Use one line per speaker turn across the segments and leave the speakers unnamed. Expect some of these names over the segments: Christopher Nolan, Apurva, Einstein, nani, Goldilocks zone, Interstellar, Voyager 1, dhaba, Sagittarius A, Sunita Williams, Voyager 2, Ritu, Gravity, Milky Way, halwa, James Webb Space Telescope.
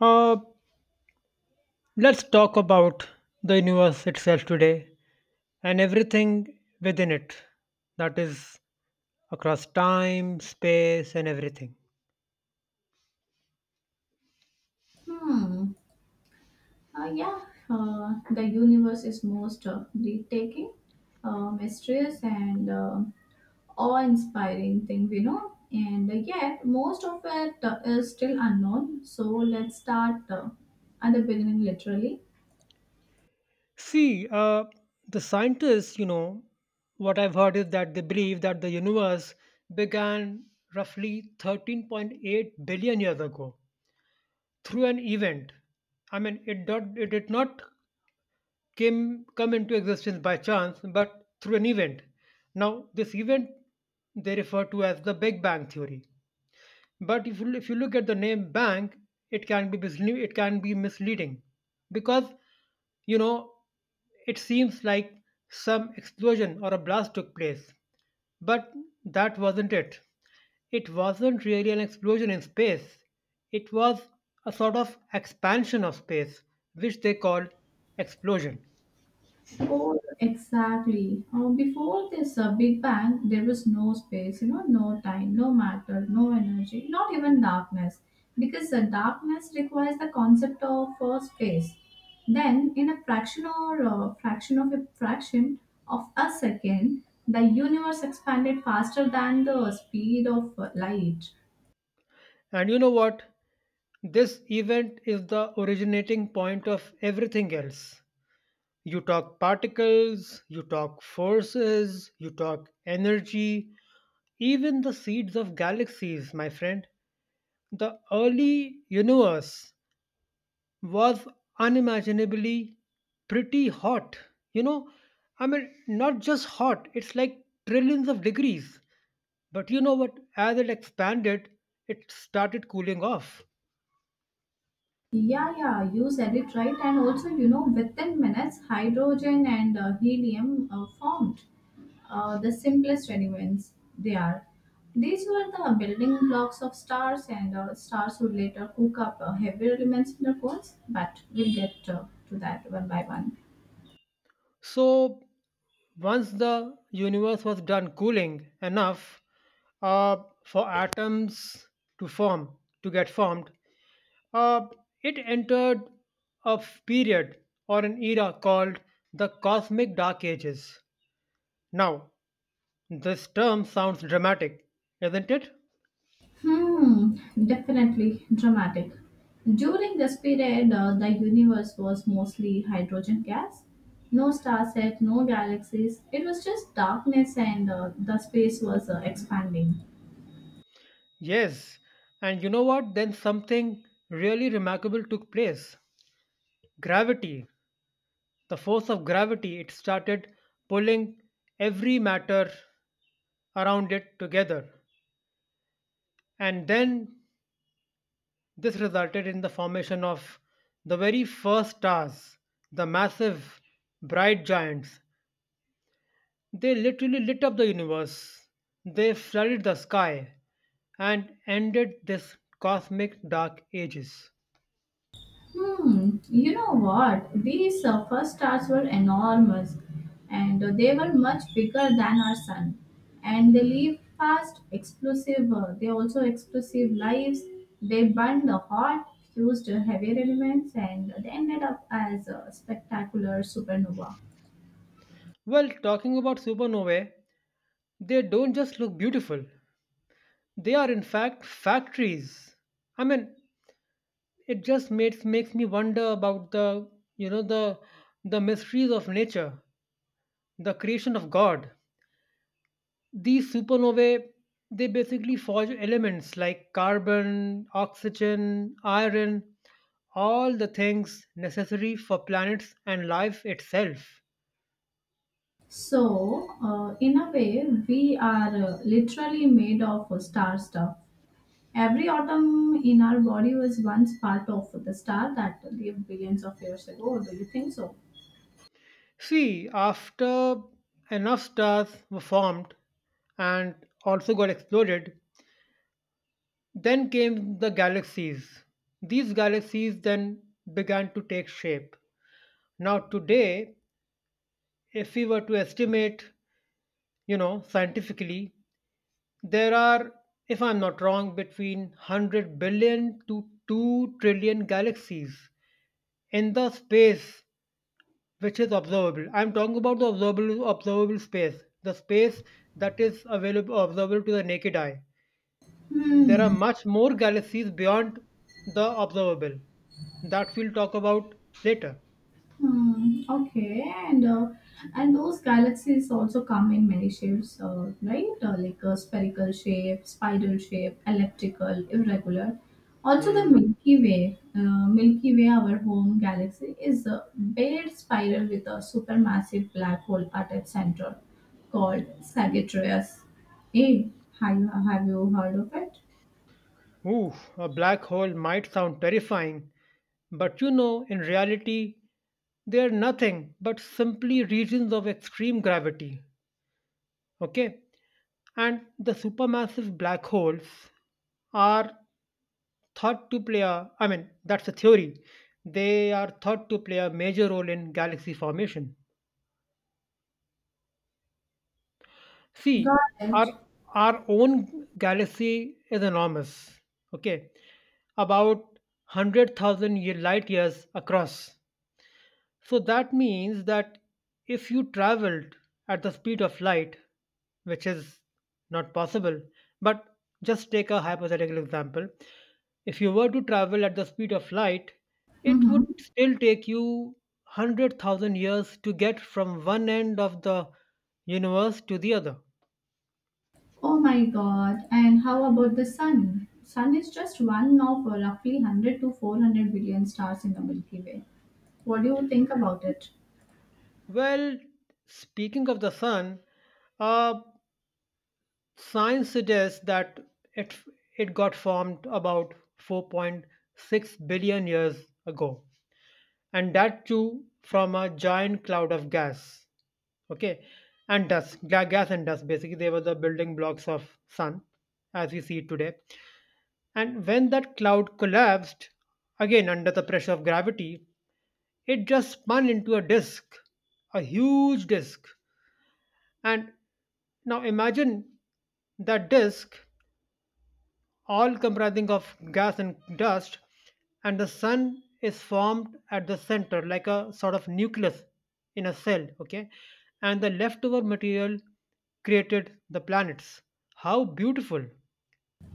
Uh, let's talk about the universe itself today and everything within it. That is across time, space, and everything.
Hmm. Yeah. The universe is most breathtaking, mysterious, and awe-inspiring thing we know, and yet most of it is still unknown. So let's start at the beginning, literally.
See, uh, the scientists, you know, what I've heard is that they believe that the universe began roughly 13.8 billion years ago through an event. I mean, it did not came come into existence by chance but through an event. Now, this event they refer to as the Big Bang theory. But if you look at the name "bang," it can be it can be misleading, because, you know, it seems like some explosion or a blast took place, but that wasn't it. It wasn't really an explosion in space. It was a sort of expansion of space, which they call explosion.
Oh, exactly. Oh, before this Big Bang, there was no no time, no matter, no energy, not even darkness, because darkness requires the concept of space. Then, in a fraction of a fraction of a second, the universe expanded faster than the speed of light.
And you know what? This event is the originating point of everything else. You talk particles, you talk forces, you talk energy, even the seeds of galaxies, my friend. The early universe was unimaginably pretty hot. You know, Not just hot, it's like trillions of degrees. But you know what? As it expanded, it started cooling off.
Yeah, yeah, you said it right. And also, within minutes, hydrogen and helium formed. The simplest elements they are. These were the building blocks of stars, and stars would later cook up heavier elements in their cores, but we'll get to that one by one.
So, once the universe was done cooling enough, uh, for atoms to form, to get formed, uh, it entered a period or an era called the Cosmic Dark Ages. Now, this term sounds dramatic, isn't it?
Hmm, definitely dramatic. During this period, the universe was mostly hydrogen gas. No star set, no galaxies. It was just darkness, and the space was expanding.
Yes, and you know what? Then something really remarkable took place. Gravity. The force of gravity, it started pulling every matter around it together. And then this resulted in the formation of the very first stars, the massive bright giants. They literally lit up the universe. They flooded the sky and ended this cosmic dark ages.
Hmm, you know what? These first stars were enormous and they were much bigger than our sun. And they live fast, explosive, they also explosive lives. They burned hot, fused heavier elements, and they ended up as a spectacular supernova.
Well, talking about supernovae, they don't just look beautiful. They are in fact factories. I mean, it just makes me wonder about the, you know, the mysteries of nature, the creation of God. These supernovae, they basically forge elements like carbon, oxygen, iron, all the things necessary for planets and life itself.
So, in a way, we are literally made of star stuff. Every atom in our body was once part of the star that lived billions of years ago. Do you think so?
See, after enough stars were formed and also got exploded, then came the galaxies. These galaxies then began to take shape. Now, today, if we were to estimate, you know, scientifically, there are, if I'm not wrong, between 100 billion to 2 trillion galaxies in the space which is observable. I'm talking about the observable, observable space, the space that is available observable to the naked eye. There are
Hmm.
much more galaxies beyond the observable that we'll talk about later.
Hmm, okay, and uh, and those galaxies also come in many shapes, right? Like a spherical shape, spiral shape, elliptical, irregular. Also, the
Hmm.
Milky Way, our home galaxy, is a big spiral with a supermassive black hole at its center, called Sagittarius A. Have you heard of it?
Ooh, a black hole might sound terrifying, but, you know, in reality, they are nothing but simply regions of extreme gravity. Okay? And the supermassive black holes are thought to play a, I mean, that's a theory. They are thought to play a major role in galaxy formation.
Got
See, our
it.
our own galaxy is enormous. Okay, about 100,000 year light years across. So that means that if you traveled at the speed of light, which is not possible, but just take a hypothetical example. If you were to travel at the speed of light, it
Mm-hmm.
would still take you 100,000 years to get from one end of the universe to the other.
Oh my god. And how about the sun? Sun is just one of roughly 100 to 400 billion stars in the Milky Way. What do you think about it?
Well, speaking of the sun, uh, science suggests that it it got formed about 4.6 billion years ago, and that too from a giant cloud of gas. Okay, and dust, gas and dust. Basically, they were the building blocks of sun as we see it today. And when that cloud collapsed, again under the pressure of gravity, it just spun into a disk, a huge disk. And now imagine that disk all comprising of gas and dust, and the sun is formed at the center like a sort of nucleus in a cell, okay, and the leftover material created the planets. How beautiful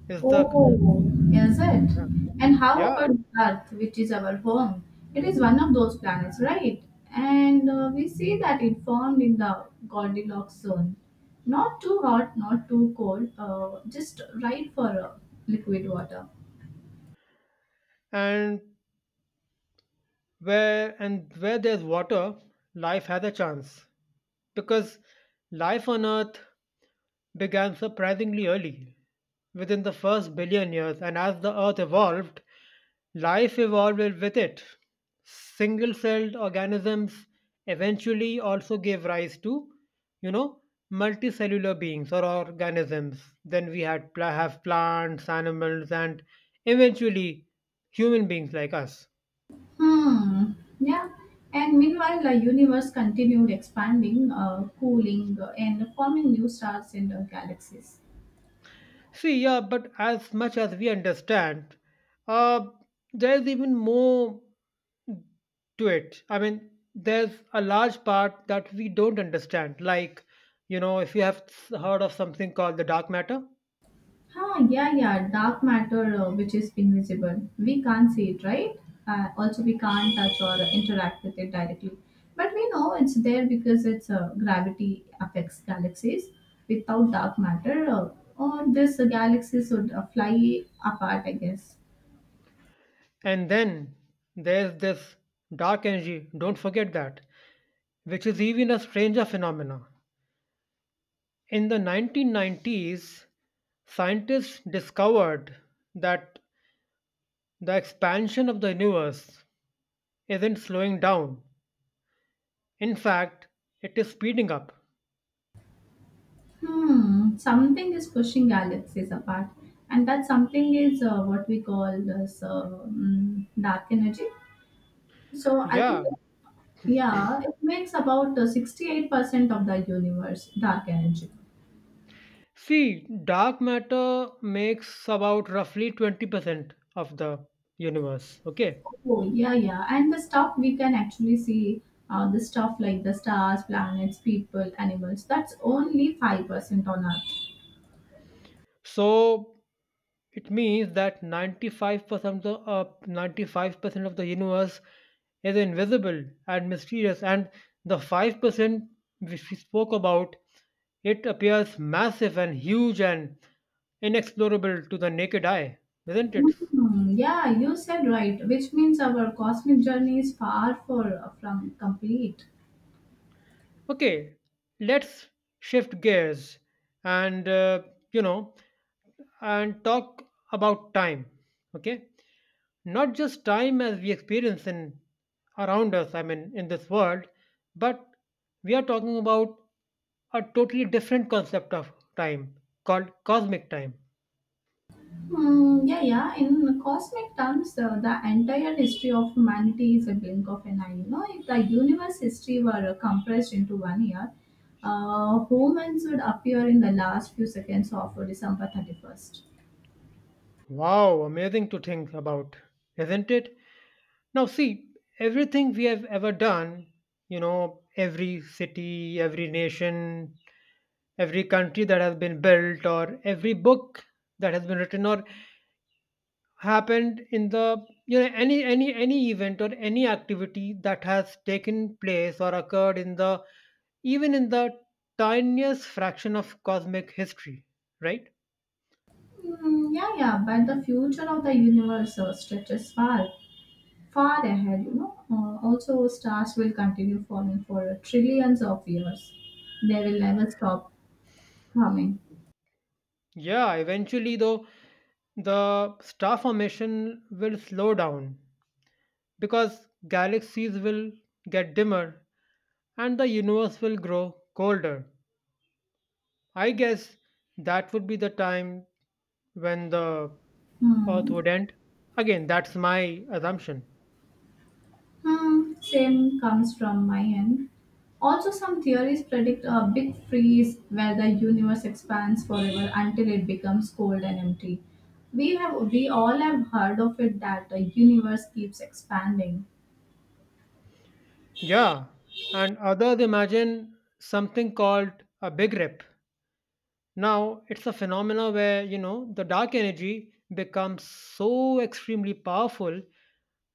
is the,
Oh, is it?
yeah.
And how
Yeah.
about Earth, which is our home? It is one of those planets, right? And we see that it formed in the Goldilocks zone. Not too hot, not too cold, just right for liquid water.
And where there's water, life has a chance. Because life on Earth began surprisingly early, within the first billion years, and as the Earth evolved, life evolved with it. Single celled organisms eventually also gave rise to, you know, multicellular beings or organisms. Then we had pla- have plants, animals, and eventually human beings like us.
Hmm. Yeah. And meanwhile, the universe continued expanding, cooling, and forming new stars and galaxies.
See, yeah, but as much as we understand, uh, there's even more to it. I mean, there's a large part that we don't understand. Like, you know, if you have heard of something called the dark matter,
Huh, yeah, yeah, dark matter, which is invisible. We can't see it, right? Also, we can't touch or interact with it directly. But we know it's there because its gravity affects galaxies. Without dark matter, all these galaxies would fly apart, I guess.
and then there's this dark energy, don't forget that, which is even a stranger phenomena. In the 1990s, scientists discovered that the expansion of the universe isn't slowing down. In fact, it is speeding up.
Hmm, something is pushing galaxies apart, and that something is what we call this dark energy. So I think,
Yeah.
yeah, it makes about 68% of the universe dark energy.
See, dark matter makes about roughly 20% of the universe, okay?
Oh, yeah, yeah. And the stuff we can actually see, the stuff like the stars, planets, people, animals, that's only 5% on Earth.
So it means that 95% of the universe is invisible and mysterious, and the 5% which we spoke about, it appears massive and huge and inexplorable to the naked eye, isn't it?
Mm, yeah, you said right, which means our cosmic journey is far from complete.
Okay, let's shift gears and, you know, and talk about time. Okay, not just time as we experience in around us, I mean in this world, but we are talking about a totally different concept of time called cosmic time.
Mm, yeah, yeah. In cosmic terms, the entire history of humanity is a blink of an eye. You know, if the universe history were compressed into one year, humans would appear in the last few seconds of December 31st.
Wow, amazing to think about, isn't it? Now see, everything we have ever done, you know, every city, every nation, every country that has been built, or every book that has been written, or happened in the, you know, any event or any activity that has taken place or occurred in the, even in the tiniest fraction of cosmic history, right?
Mm, yeah, yeah. But the future of the universe stretches far, far ahead. Also, stars will continue forming for trillions of years. They will never stop forming.
Yeah, eventually though, the star formation will slow down, because galaxies will get dimmer and the universe will grow colder. I guess that would be the time when the earth
Hmm.
would end? Again, that's my assumption.
Hmm, same comes from my end. Also, some theories predict a big freeze where the universe expands forever until it becomes cold and empty. We all have heard of it that the universe keeps expanding.
Yeah, and others imagine something called a big rip. Now, it's a phenomena where, you know, the dark energy becomes so extremely powerful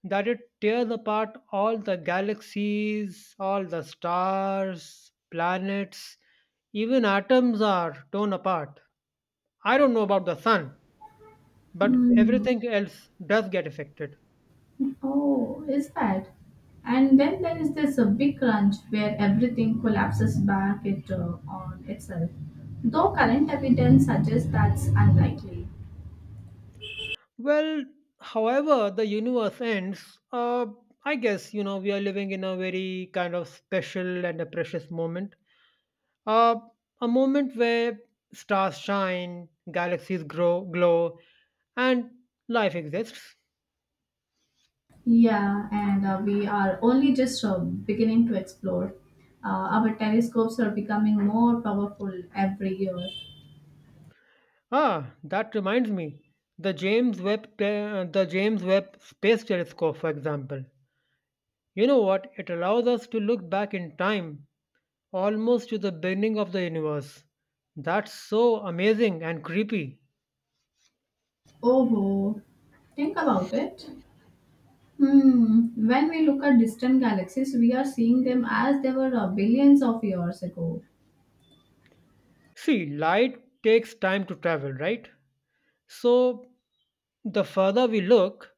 that it tears apart all the galaxies, all the stars, planets, even atoms are torn apart. I don't know about the sun, but
Hmm.
everything else does get affected.
Oh, is that? And then there is this big crunch where everything collapses back on itself. Though current evidence suggests that's unlikely.
Well, however, the universe ends. I guess, you know, we are living in a very kind of special and a precious moment. Uh, a moment where stars shine, galaxies grow, glow, and life exists.
Yeah, and we are only just beginning to explore. Our telescopes are becoming more powerful every year.
Ah, that reminds me, the James Webb, the James Webb Space Telescope, for example. You know what? It allows us to look back in time almost to the beginning of the universe. That's so amazing and creepy.
Oh, think about it. Hmm. When we look at distant galaxies, we are seeing them as they were billions of years ago.
See, light takes time to travel, right? So, the further we look,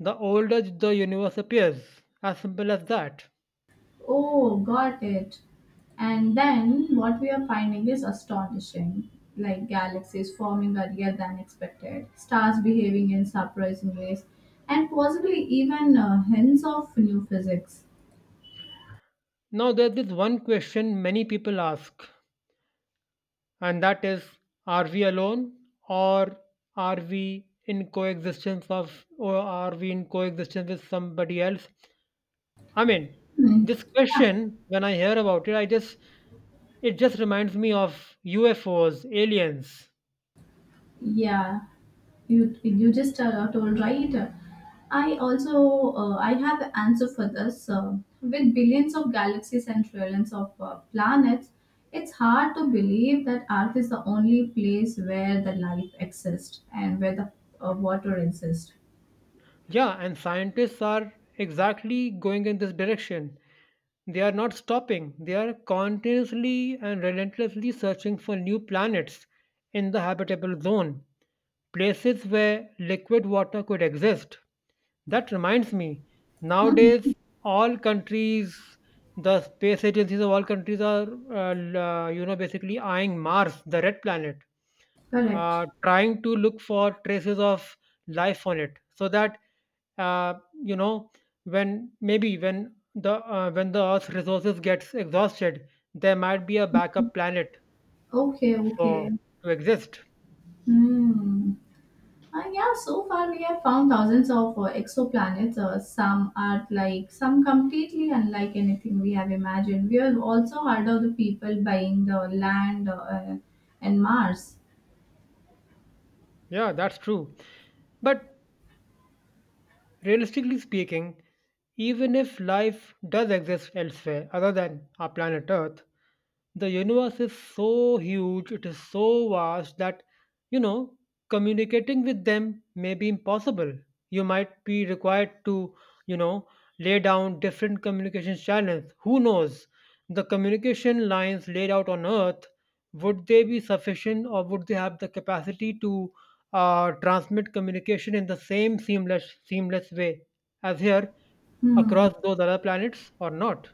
the older the universe appears. As simple as that.
Oh, got it. And then what we are finding is astonishing, like galaxies forming earlier than expected, stars behaving in surprising ways, and possibly even hints of new physics.
Now, there's this one question many people ask, and that is, are we alone, or are we in coexistence with somebody else? I mean,
Hmm,
this question, when I hear about it, I just, it just reminds me of UFOs, aliens.
yeah, you just told right. I have an answer for this. With billions of galaxies and trillions of planets, it's hard to believe that Earth is the only place where the life exists and where the water exists.
Yeah, and scientists are exactly going in this direction. They are not stopping, they are continuously and relentlessly searching for new planets in the habitable zone, places where liquid water could exist. That reminds me,
Hmm,
nowadays, all countries, the space agencies of all countries are, you know, basically eyeing Mars, the red planet,
correct.
trying to look for traces of life on it, so that, uh, you know when maybe when the, when the earth's resources gets exhausted, there might be a backup planet
Okay. Okay.
for to exist.
Hmm. Yeah, so far we have found thousands of exoplanets. Some are like some completely unlike anything we have imagined. We have also heard of the people buying the land and Mars.
Yeah, that's true, but realistically speaking, even if life does exist elsewhere other than our planet Earth, the universe is so huge, it is so vast that, you know, communicating with them may be impossible. You might be required to, you know, lay down different communication channels. Who knows? The communication lines laid out on Earth, would they be sufficient, or would they have the capacity to transmit communication in the same seamless way as here
Hmm,
across those other planets or not?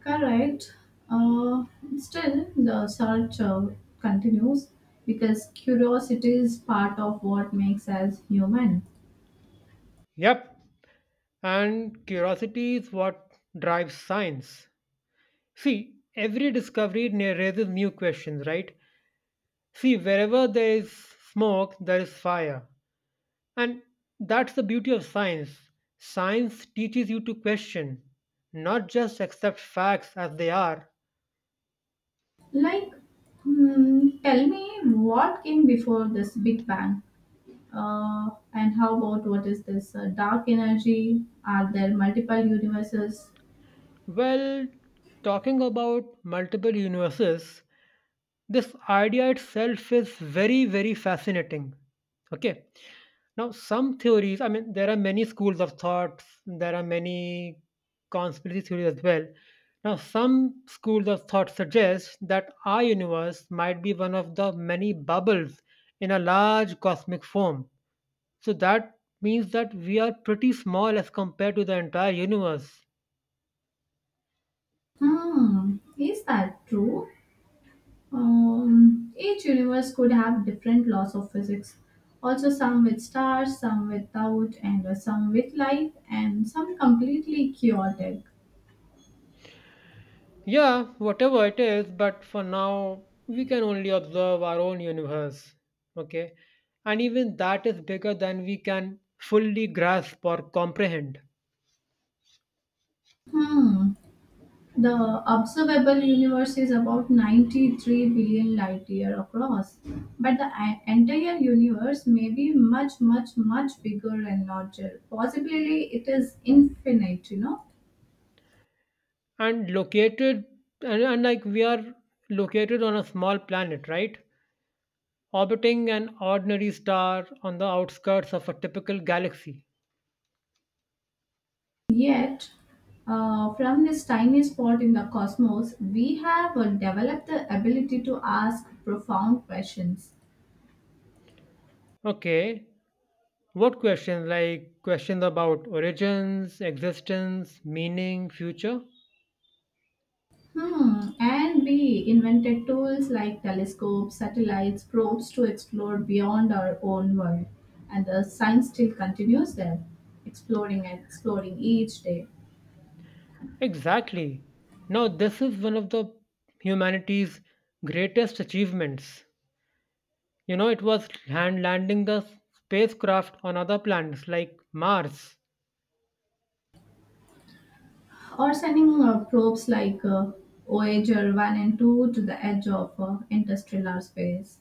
correct. Uh, Still, the search continues because curiosity is part of what makes us human.
Yep. And curiosity is what drives science. See, every discovery raises new questions, right? See, wherever there is smoke, there is fire. And that's the beauty of science. Science teaches you to question, not just accept facts as they are.
Like, hmm, tell me what came before this Big Bang? And how about, what is this dark energy? Are there multiple universes?
Well, talking about multiple universes, this idea itself is very, very fascinating. Okay. Now, some theories, I mean, there are many schools of thought, there are many conspiracy theories as well. Now, some schools of thought suggest that our universe might be one of the many bubbles in a large cosmic foam. So, that means that we are pretty small as compared to the entire universe.
Hmm, is that true? Each universe could have different laws of physics. Also, some with stars, some without, and some with life, and some completely chaotic.
Yeah, whatever it is, but for now, we can only observe our own universe. Okay? And even that is bigger than we can fully grasp or comprehend.
Hmm, the observable universe is about 93 billion light year across, but the entire universe may be much, much, much bigger and larger. Possibly it is infinite.
And located, and like we are located on a small planet, right? Orbiting an ordinary star on the outskirts of a typical galaxy.
Yet, from this tiny spot in the cosmos, we have developed the ability to ask profound questions.
Okay, what questions? Like questions about origins, existence, meaning, future?
Hmm. And we invented tools like telescopes, satellites, probes to explore beyond our own world. And the science still continues there, exploring and exploring each day.
Exactly. Now, this is one of the humanity's greatest achievements. You know, it was hand landing the spacecraft on other planets like Mars.
Or sending probes like Voyager 1 and 2 to the edge of interstellar space.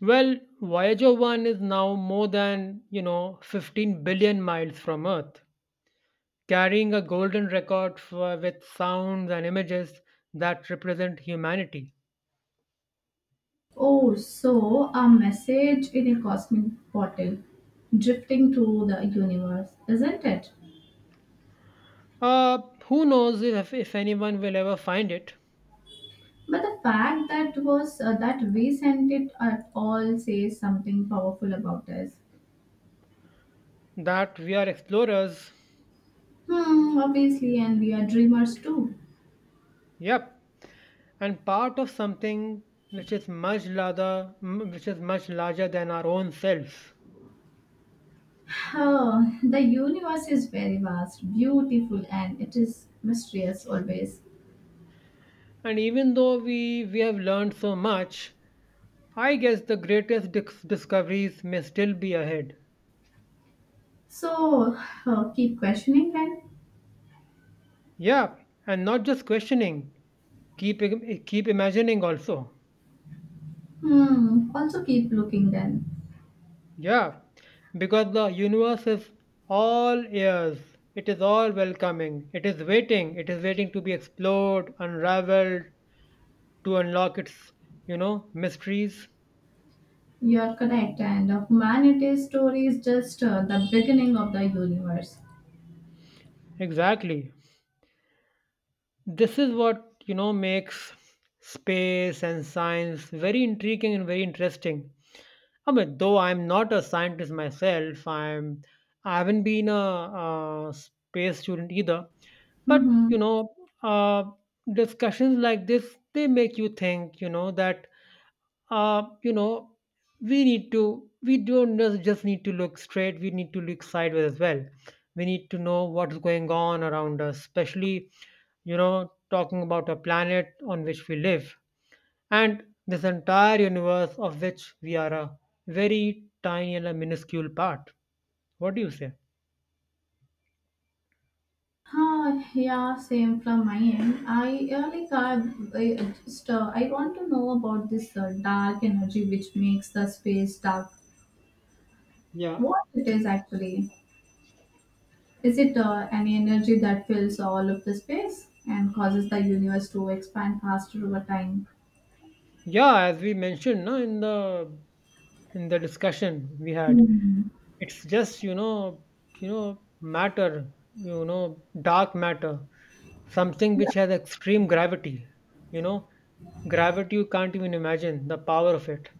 Well, Voyager 1 is now more than, 15 billion miles from Earth, carrying a golden record for, with sounds and images that represent humanity.
Oh, so a message in a cosmic bottle, drifting through the universe, isn't it?
Who knows if anyone will ever find it?
But the fact that we sent it at all says something powerful about us.
That we are explorers.
Hmm, obviously, and we are dreamers too.
Yep. And part of something which is much which is much larger than our own selves.
Oh, the universe is very vast, beautiful, and it is mysterious always.
And even though we have learned so much, I guess the greatest discoveries may still be ahead.
So keep questioning then.
Yeah, and not just questioning, keep imagining also.
Hmm, also keep looking then.
Yeah, because the universe is all ears. It is all welcoming, it is waiting, it is waiting to be explored, unraveled, to unlock its mysteries.
You're correct, and humanity's story is just the beginning of the universe.
Exactly. This is what makes space and science very intriguing and very interesting. I mean, though I'm not a scientist myself, I'm I haven't been a, space student either. But
Mm-hmm.
you know, uh, discussions like this, they make you think. You know that uh, you know, we need to, we don't just need to look straight, we need to look sideways as well. We need to know what's going on around us, especially, you know, talking about a planet on which we live and this entire universe of which we are a very tiny and a minuscule part. What do you say?
Huh, yeah, same from my end. I really can't. I want to know about this dark energy which makes the space dark.
Yeah.
What it is actually? Is it an energy that fills all of the space and causes the universe to expand faster over time?
Yeah, as we mentioned no, in the discussion we had.
Hmm.
It's just matter, dark matter, something
Yeah.
which has extreme gravity. you know, Gravity you can't even imagine the power of it.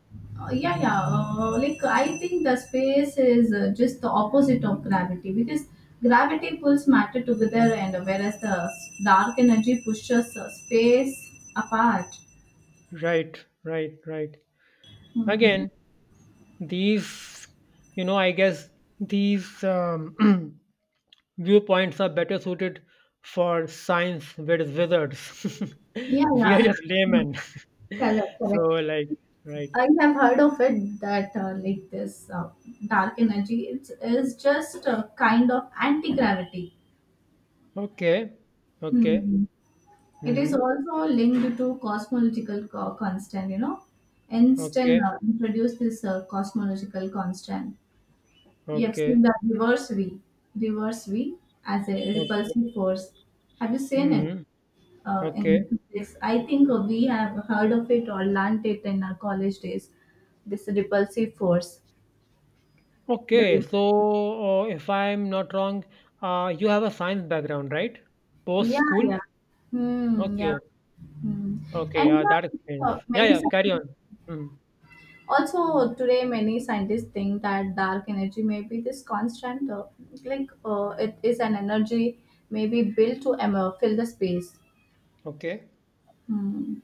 Yeah, yeah. Like, I think the space is just the opposite of gravity because gravity pulls matter together, and whereas the dark energy pushes space apart.
Right, right, right.
Hmm.
Again, these, I guess these viewpoints are better suited for science, whereas wizards,
Yeah,
we are just
yeah.
laymen.
Correct,
So,
correct.
like, right.
I have heard of it that like this dark energy it is just a kind of anti gravity.
Okay, okay.
It is
Mm-hmm.
also linked to cosmological constant, you know. Einstein
Okay,
introduced this cosmological constant. You have seen
okay,
the reverse V as a
o
repulsive force. Have you seen it
mhm, okay.
in physics? I think we have heard of it or learnt it in our college days. This repulsive force. The
Okay,
re-
so, if I'm not wrong, you have a science background, right? Post
yeah,
school?
yeah. Hmm, yeah.
Okay,
Hmm.
okay,
And
yeah, that
yeah,
explains. Yeah, yeah, carry on. Mm,
many scientists think that dark energy may be this constant, like it is an energy maybe built to fill the space.
okay.
Hmm.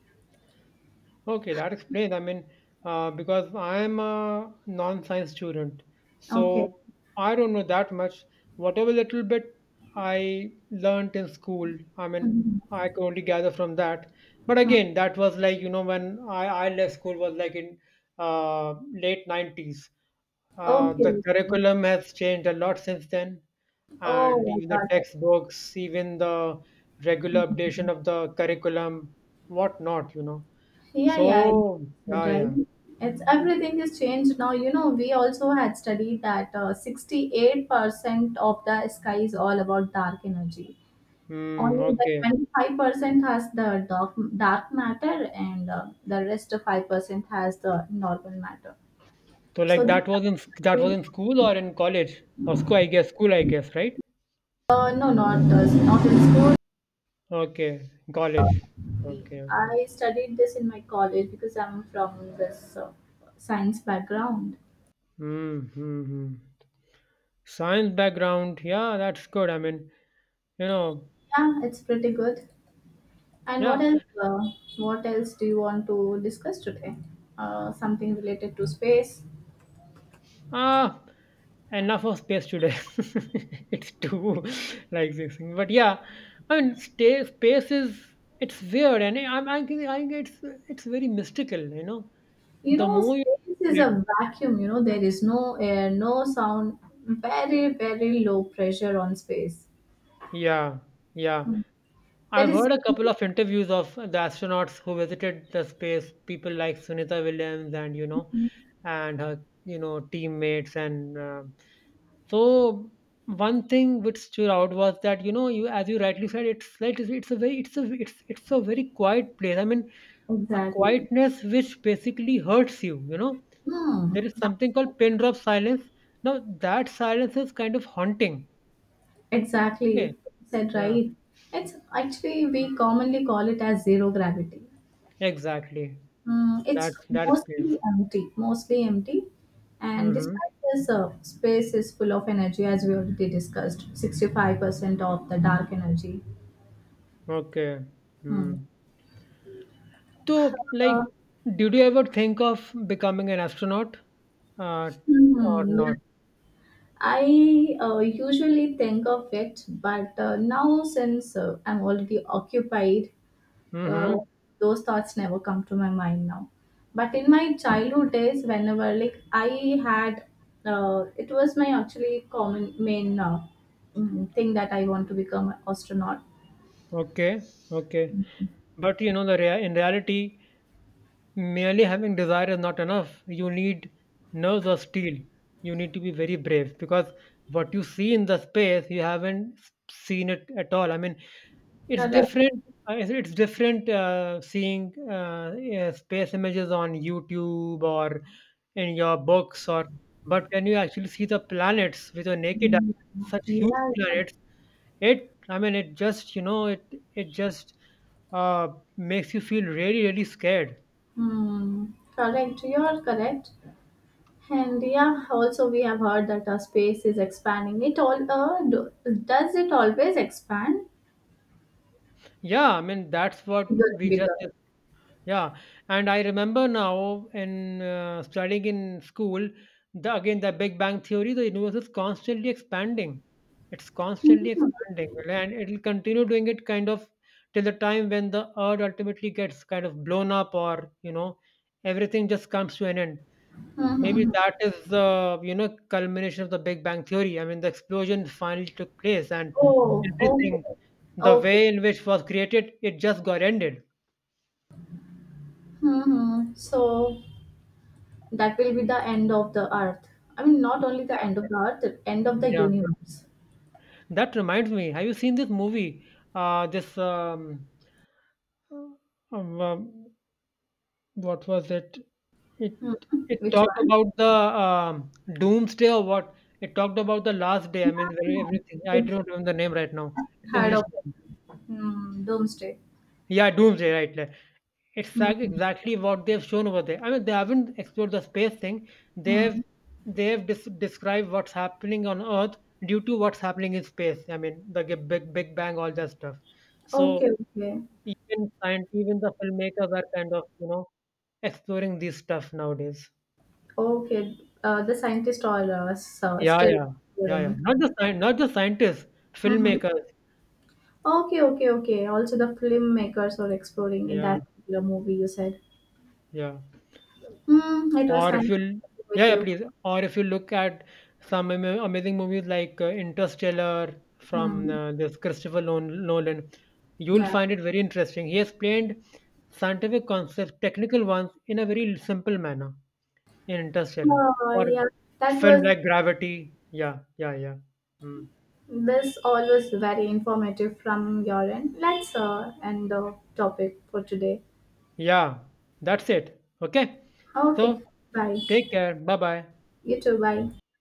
Okay, that explains. I mean, because I am a non-science student,
Okay.
so I don't know that much. Whatever little bit I learnt in school, I mean,
Mhm.
I could only gather from that. But
Mhm.
again, that was like, when I left school was like in uh, late 90s.
Okay,
The
okay.
curriculum has changed a lot since then, and
Oh, I
even the
got it.
textbooks, even the regular updation
Mhm.
of the curriculum, whatnot, you know.
Yeah, yeah.
So yeah,
Right.
yeah.
it's Everything is changed now, you know, we also had studied that 68% of the sky is all about dark energy.
Hmm,
Only the
okay.
25% has the dark matter, and the rest of 5% has the normal matter.
So
So
like that was in that was
the
in school or in college? Or school, I guess. School, I guess, right?
no, not this, not in school.
Okay. College. Okay, okay.
I studied this in my college because I'm from this science background.
Hmm, hmm, hmm. Science background. Yeah, that's good. I mean, you know,
Yeah, it's pretty good. And what
yeah.
else uh, what else do you want to discuss today, something related to space?
Ah, enough of space today. It's too like this thing. But yeah, I mean, space is it's weird, and I think it's very mystical. You know,
You
the
know,
more
space is
you
a vacuum. There is no air, no sound. Very, very low pressure on space.
Yeah, yeah.
Mm. that
I've
is
heard a couple of interviews of the astronauts who visited the space, people like Sunita Williams and you know, and her you know teammates and so one thing which stood out was that you know you as you rightly said it's like it's a very it's a very quiet place. I mean a
exactly
quietness which basically hurts you. You know there is
that's
something called pin drop silence. Now that silence is kind of haunting. Okay.
exactly said
Yeah.
right. It's actually, we commonly call it as zero gravity.
Exactly.
Hmm, it's
That's great.
mostly empty, and
Mm-hmm.
despite this, space is full of energy, as we already discussed. 65% of the dark energy.
Okay.
Hmm.
Mm. So,
Uh,
like, did you ever think of becoming an astronaut, uh, or
Hmm, yeah.
not?
I usually think of it, but now since I'm already occupied, uh,
Mm-hmm.
those thoughts never come to my mind now. But in my childhood days, whenever like I had, it was my actually common main thing that I want to become an astronaut.
Okay. Okay. But you know, the rea in reality, merely having desire is not enough. You need nerves of steel. You need to be very brave because what you see in the space, you haven't seen it at all. I mean, it's
Correct.
different, it's different, seeing, yeah, space images on YouTube or in your books or but when you actually see the planets with your naked eye,
Mm,
such huge
yeah.
planets, it I mean, it just, uh, makes you feel really, really scared.
Hmm. Correct. You are correct. And yeah, also we have heard that space is expanding. Does it always expand
Yeah, I mean, that's what
bigger and
we just
bigger?
Yeah, and I remember now in studying in school, the again the Big Bang theory, the universe is constantly expanding. It's constantly expanding, and it'll continue doing it kind of till the time when the Earth ultimately gets kind of blown up, or you know, everything just comes to an end. Maybe
Mm-hmm.
that is the you know culmination of the Big Bang theory. I mean, the explosion finally took place, and
Oh,
everything,
okay,
the
okay.
way in which was created, it just got ended.
Mm-hmm. So that will be the end of the earth. I mean, not only the end of the earth, the end of the
Yeah.
universe.
That reminds me, have you seen this movie? This um, um, what was it? It
Hmm.
it
Which
talked
one?
about the doomsday or what? It talked about the last day. I mean, very
Hmm.
everything. I
Dooms-
don't remember the name right now. It's
Heard
English
of it.
movie.
Hmm. Doomsday.
Yeah, doomsday. Right, right. It's like exactly what they've shown over there. I mean, they haven't explored the space thing. They've
Mm-hmm.
they've described what's happening on Earth due to what's happening in space. I mean, the Big Bang, all that stuff. So
Okay, okay,
even scient even the filmmakers are kind of, you know, exploring this stuff nowadays.
okay. The scientists are
Yeah,
still
yeah. Yeah, yeah.
exploring.
Not the scien not the scientists,
Mm-hmm.
filmmakers.
Okay, okay, okay. Also, the filmmakers were exploring in
Yeah,
that particular movie you said.
yeah.
Hmm, it was
Or
nice
if you'll yeah,
with
yeah,
you.
please. Or if you look at some amazing movies like, Interstellar from,
Hmm,
this Christopher Lon Nolan, you'll
yeah.
find it very interesting. He explained scientific concepts, technical ones, in a very simple manner. In Interstellar
Oh,
or
yeah. That
film
was
like Gravity. Yeah, yeah, yeah. Mm.
This all was very informative from your end. Let's end the topic for today.
Yeah, that's it. Okay.
Okay,
So
bye.
take care. Bye bye.
You too, bye.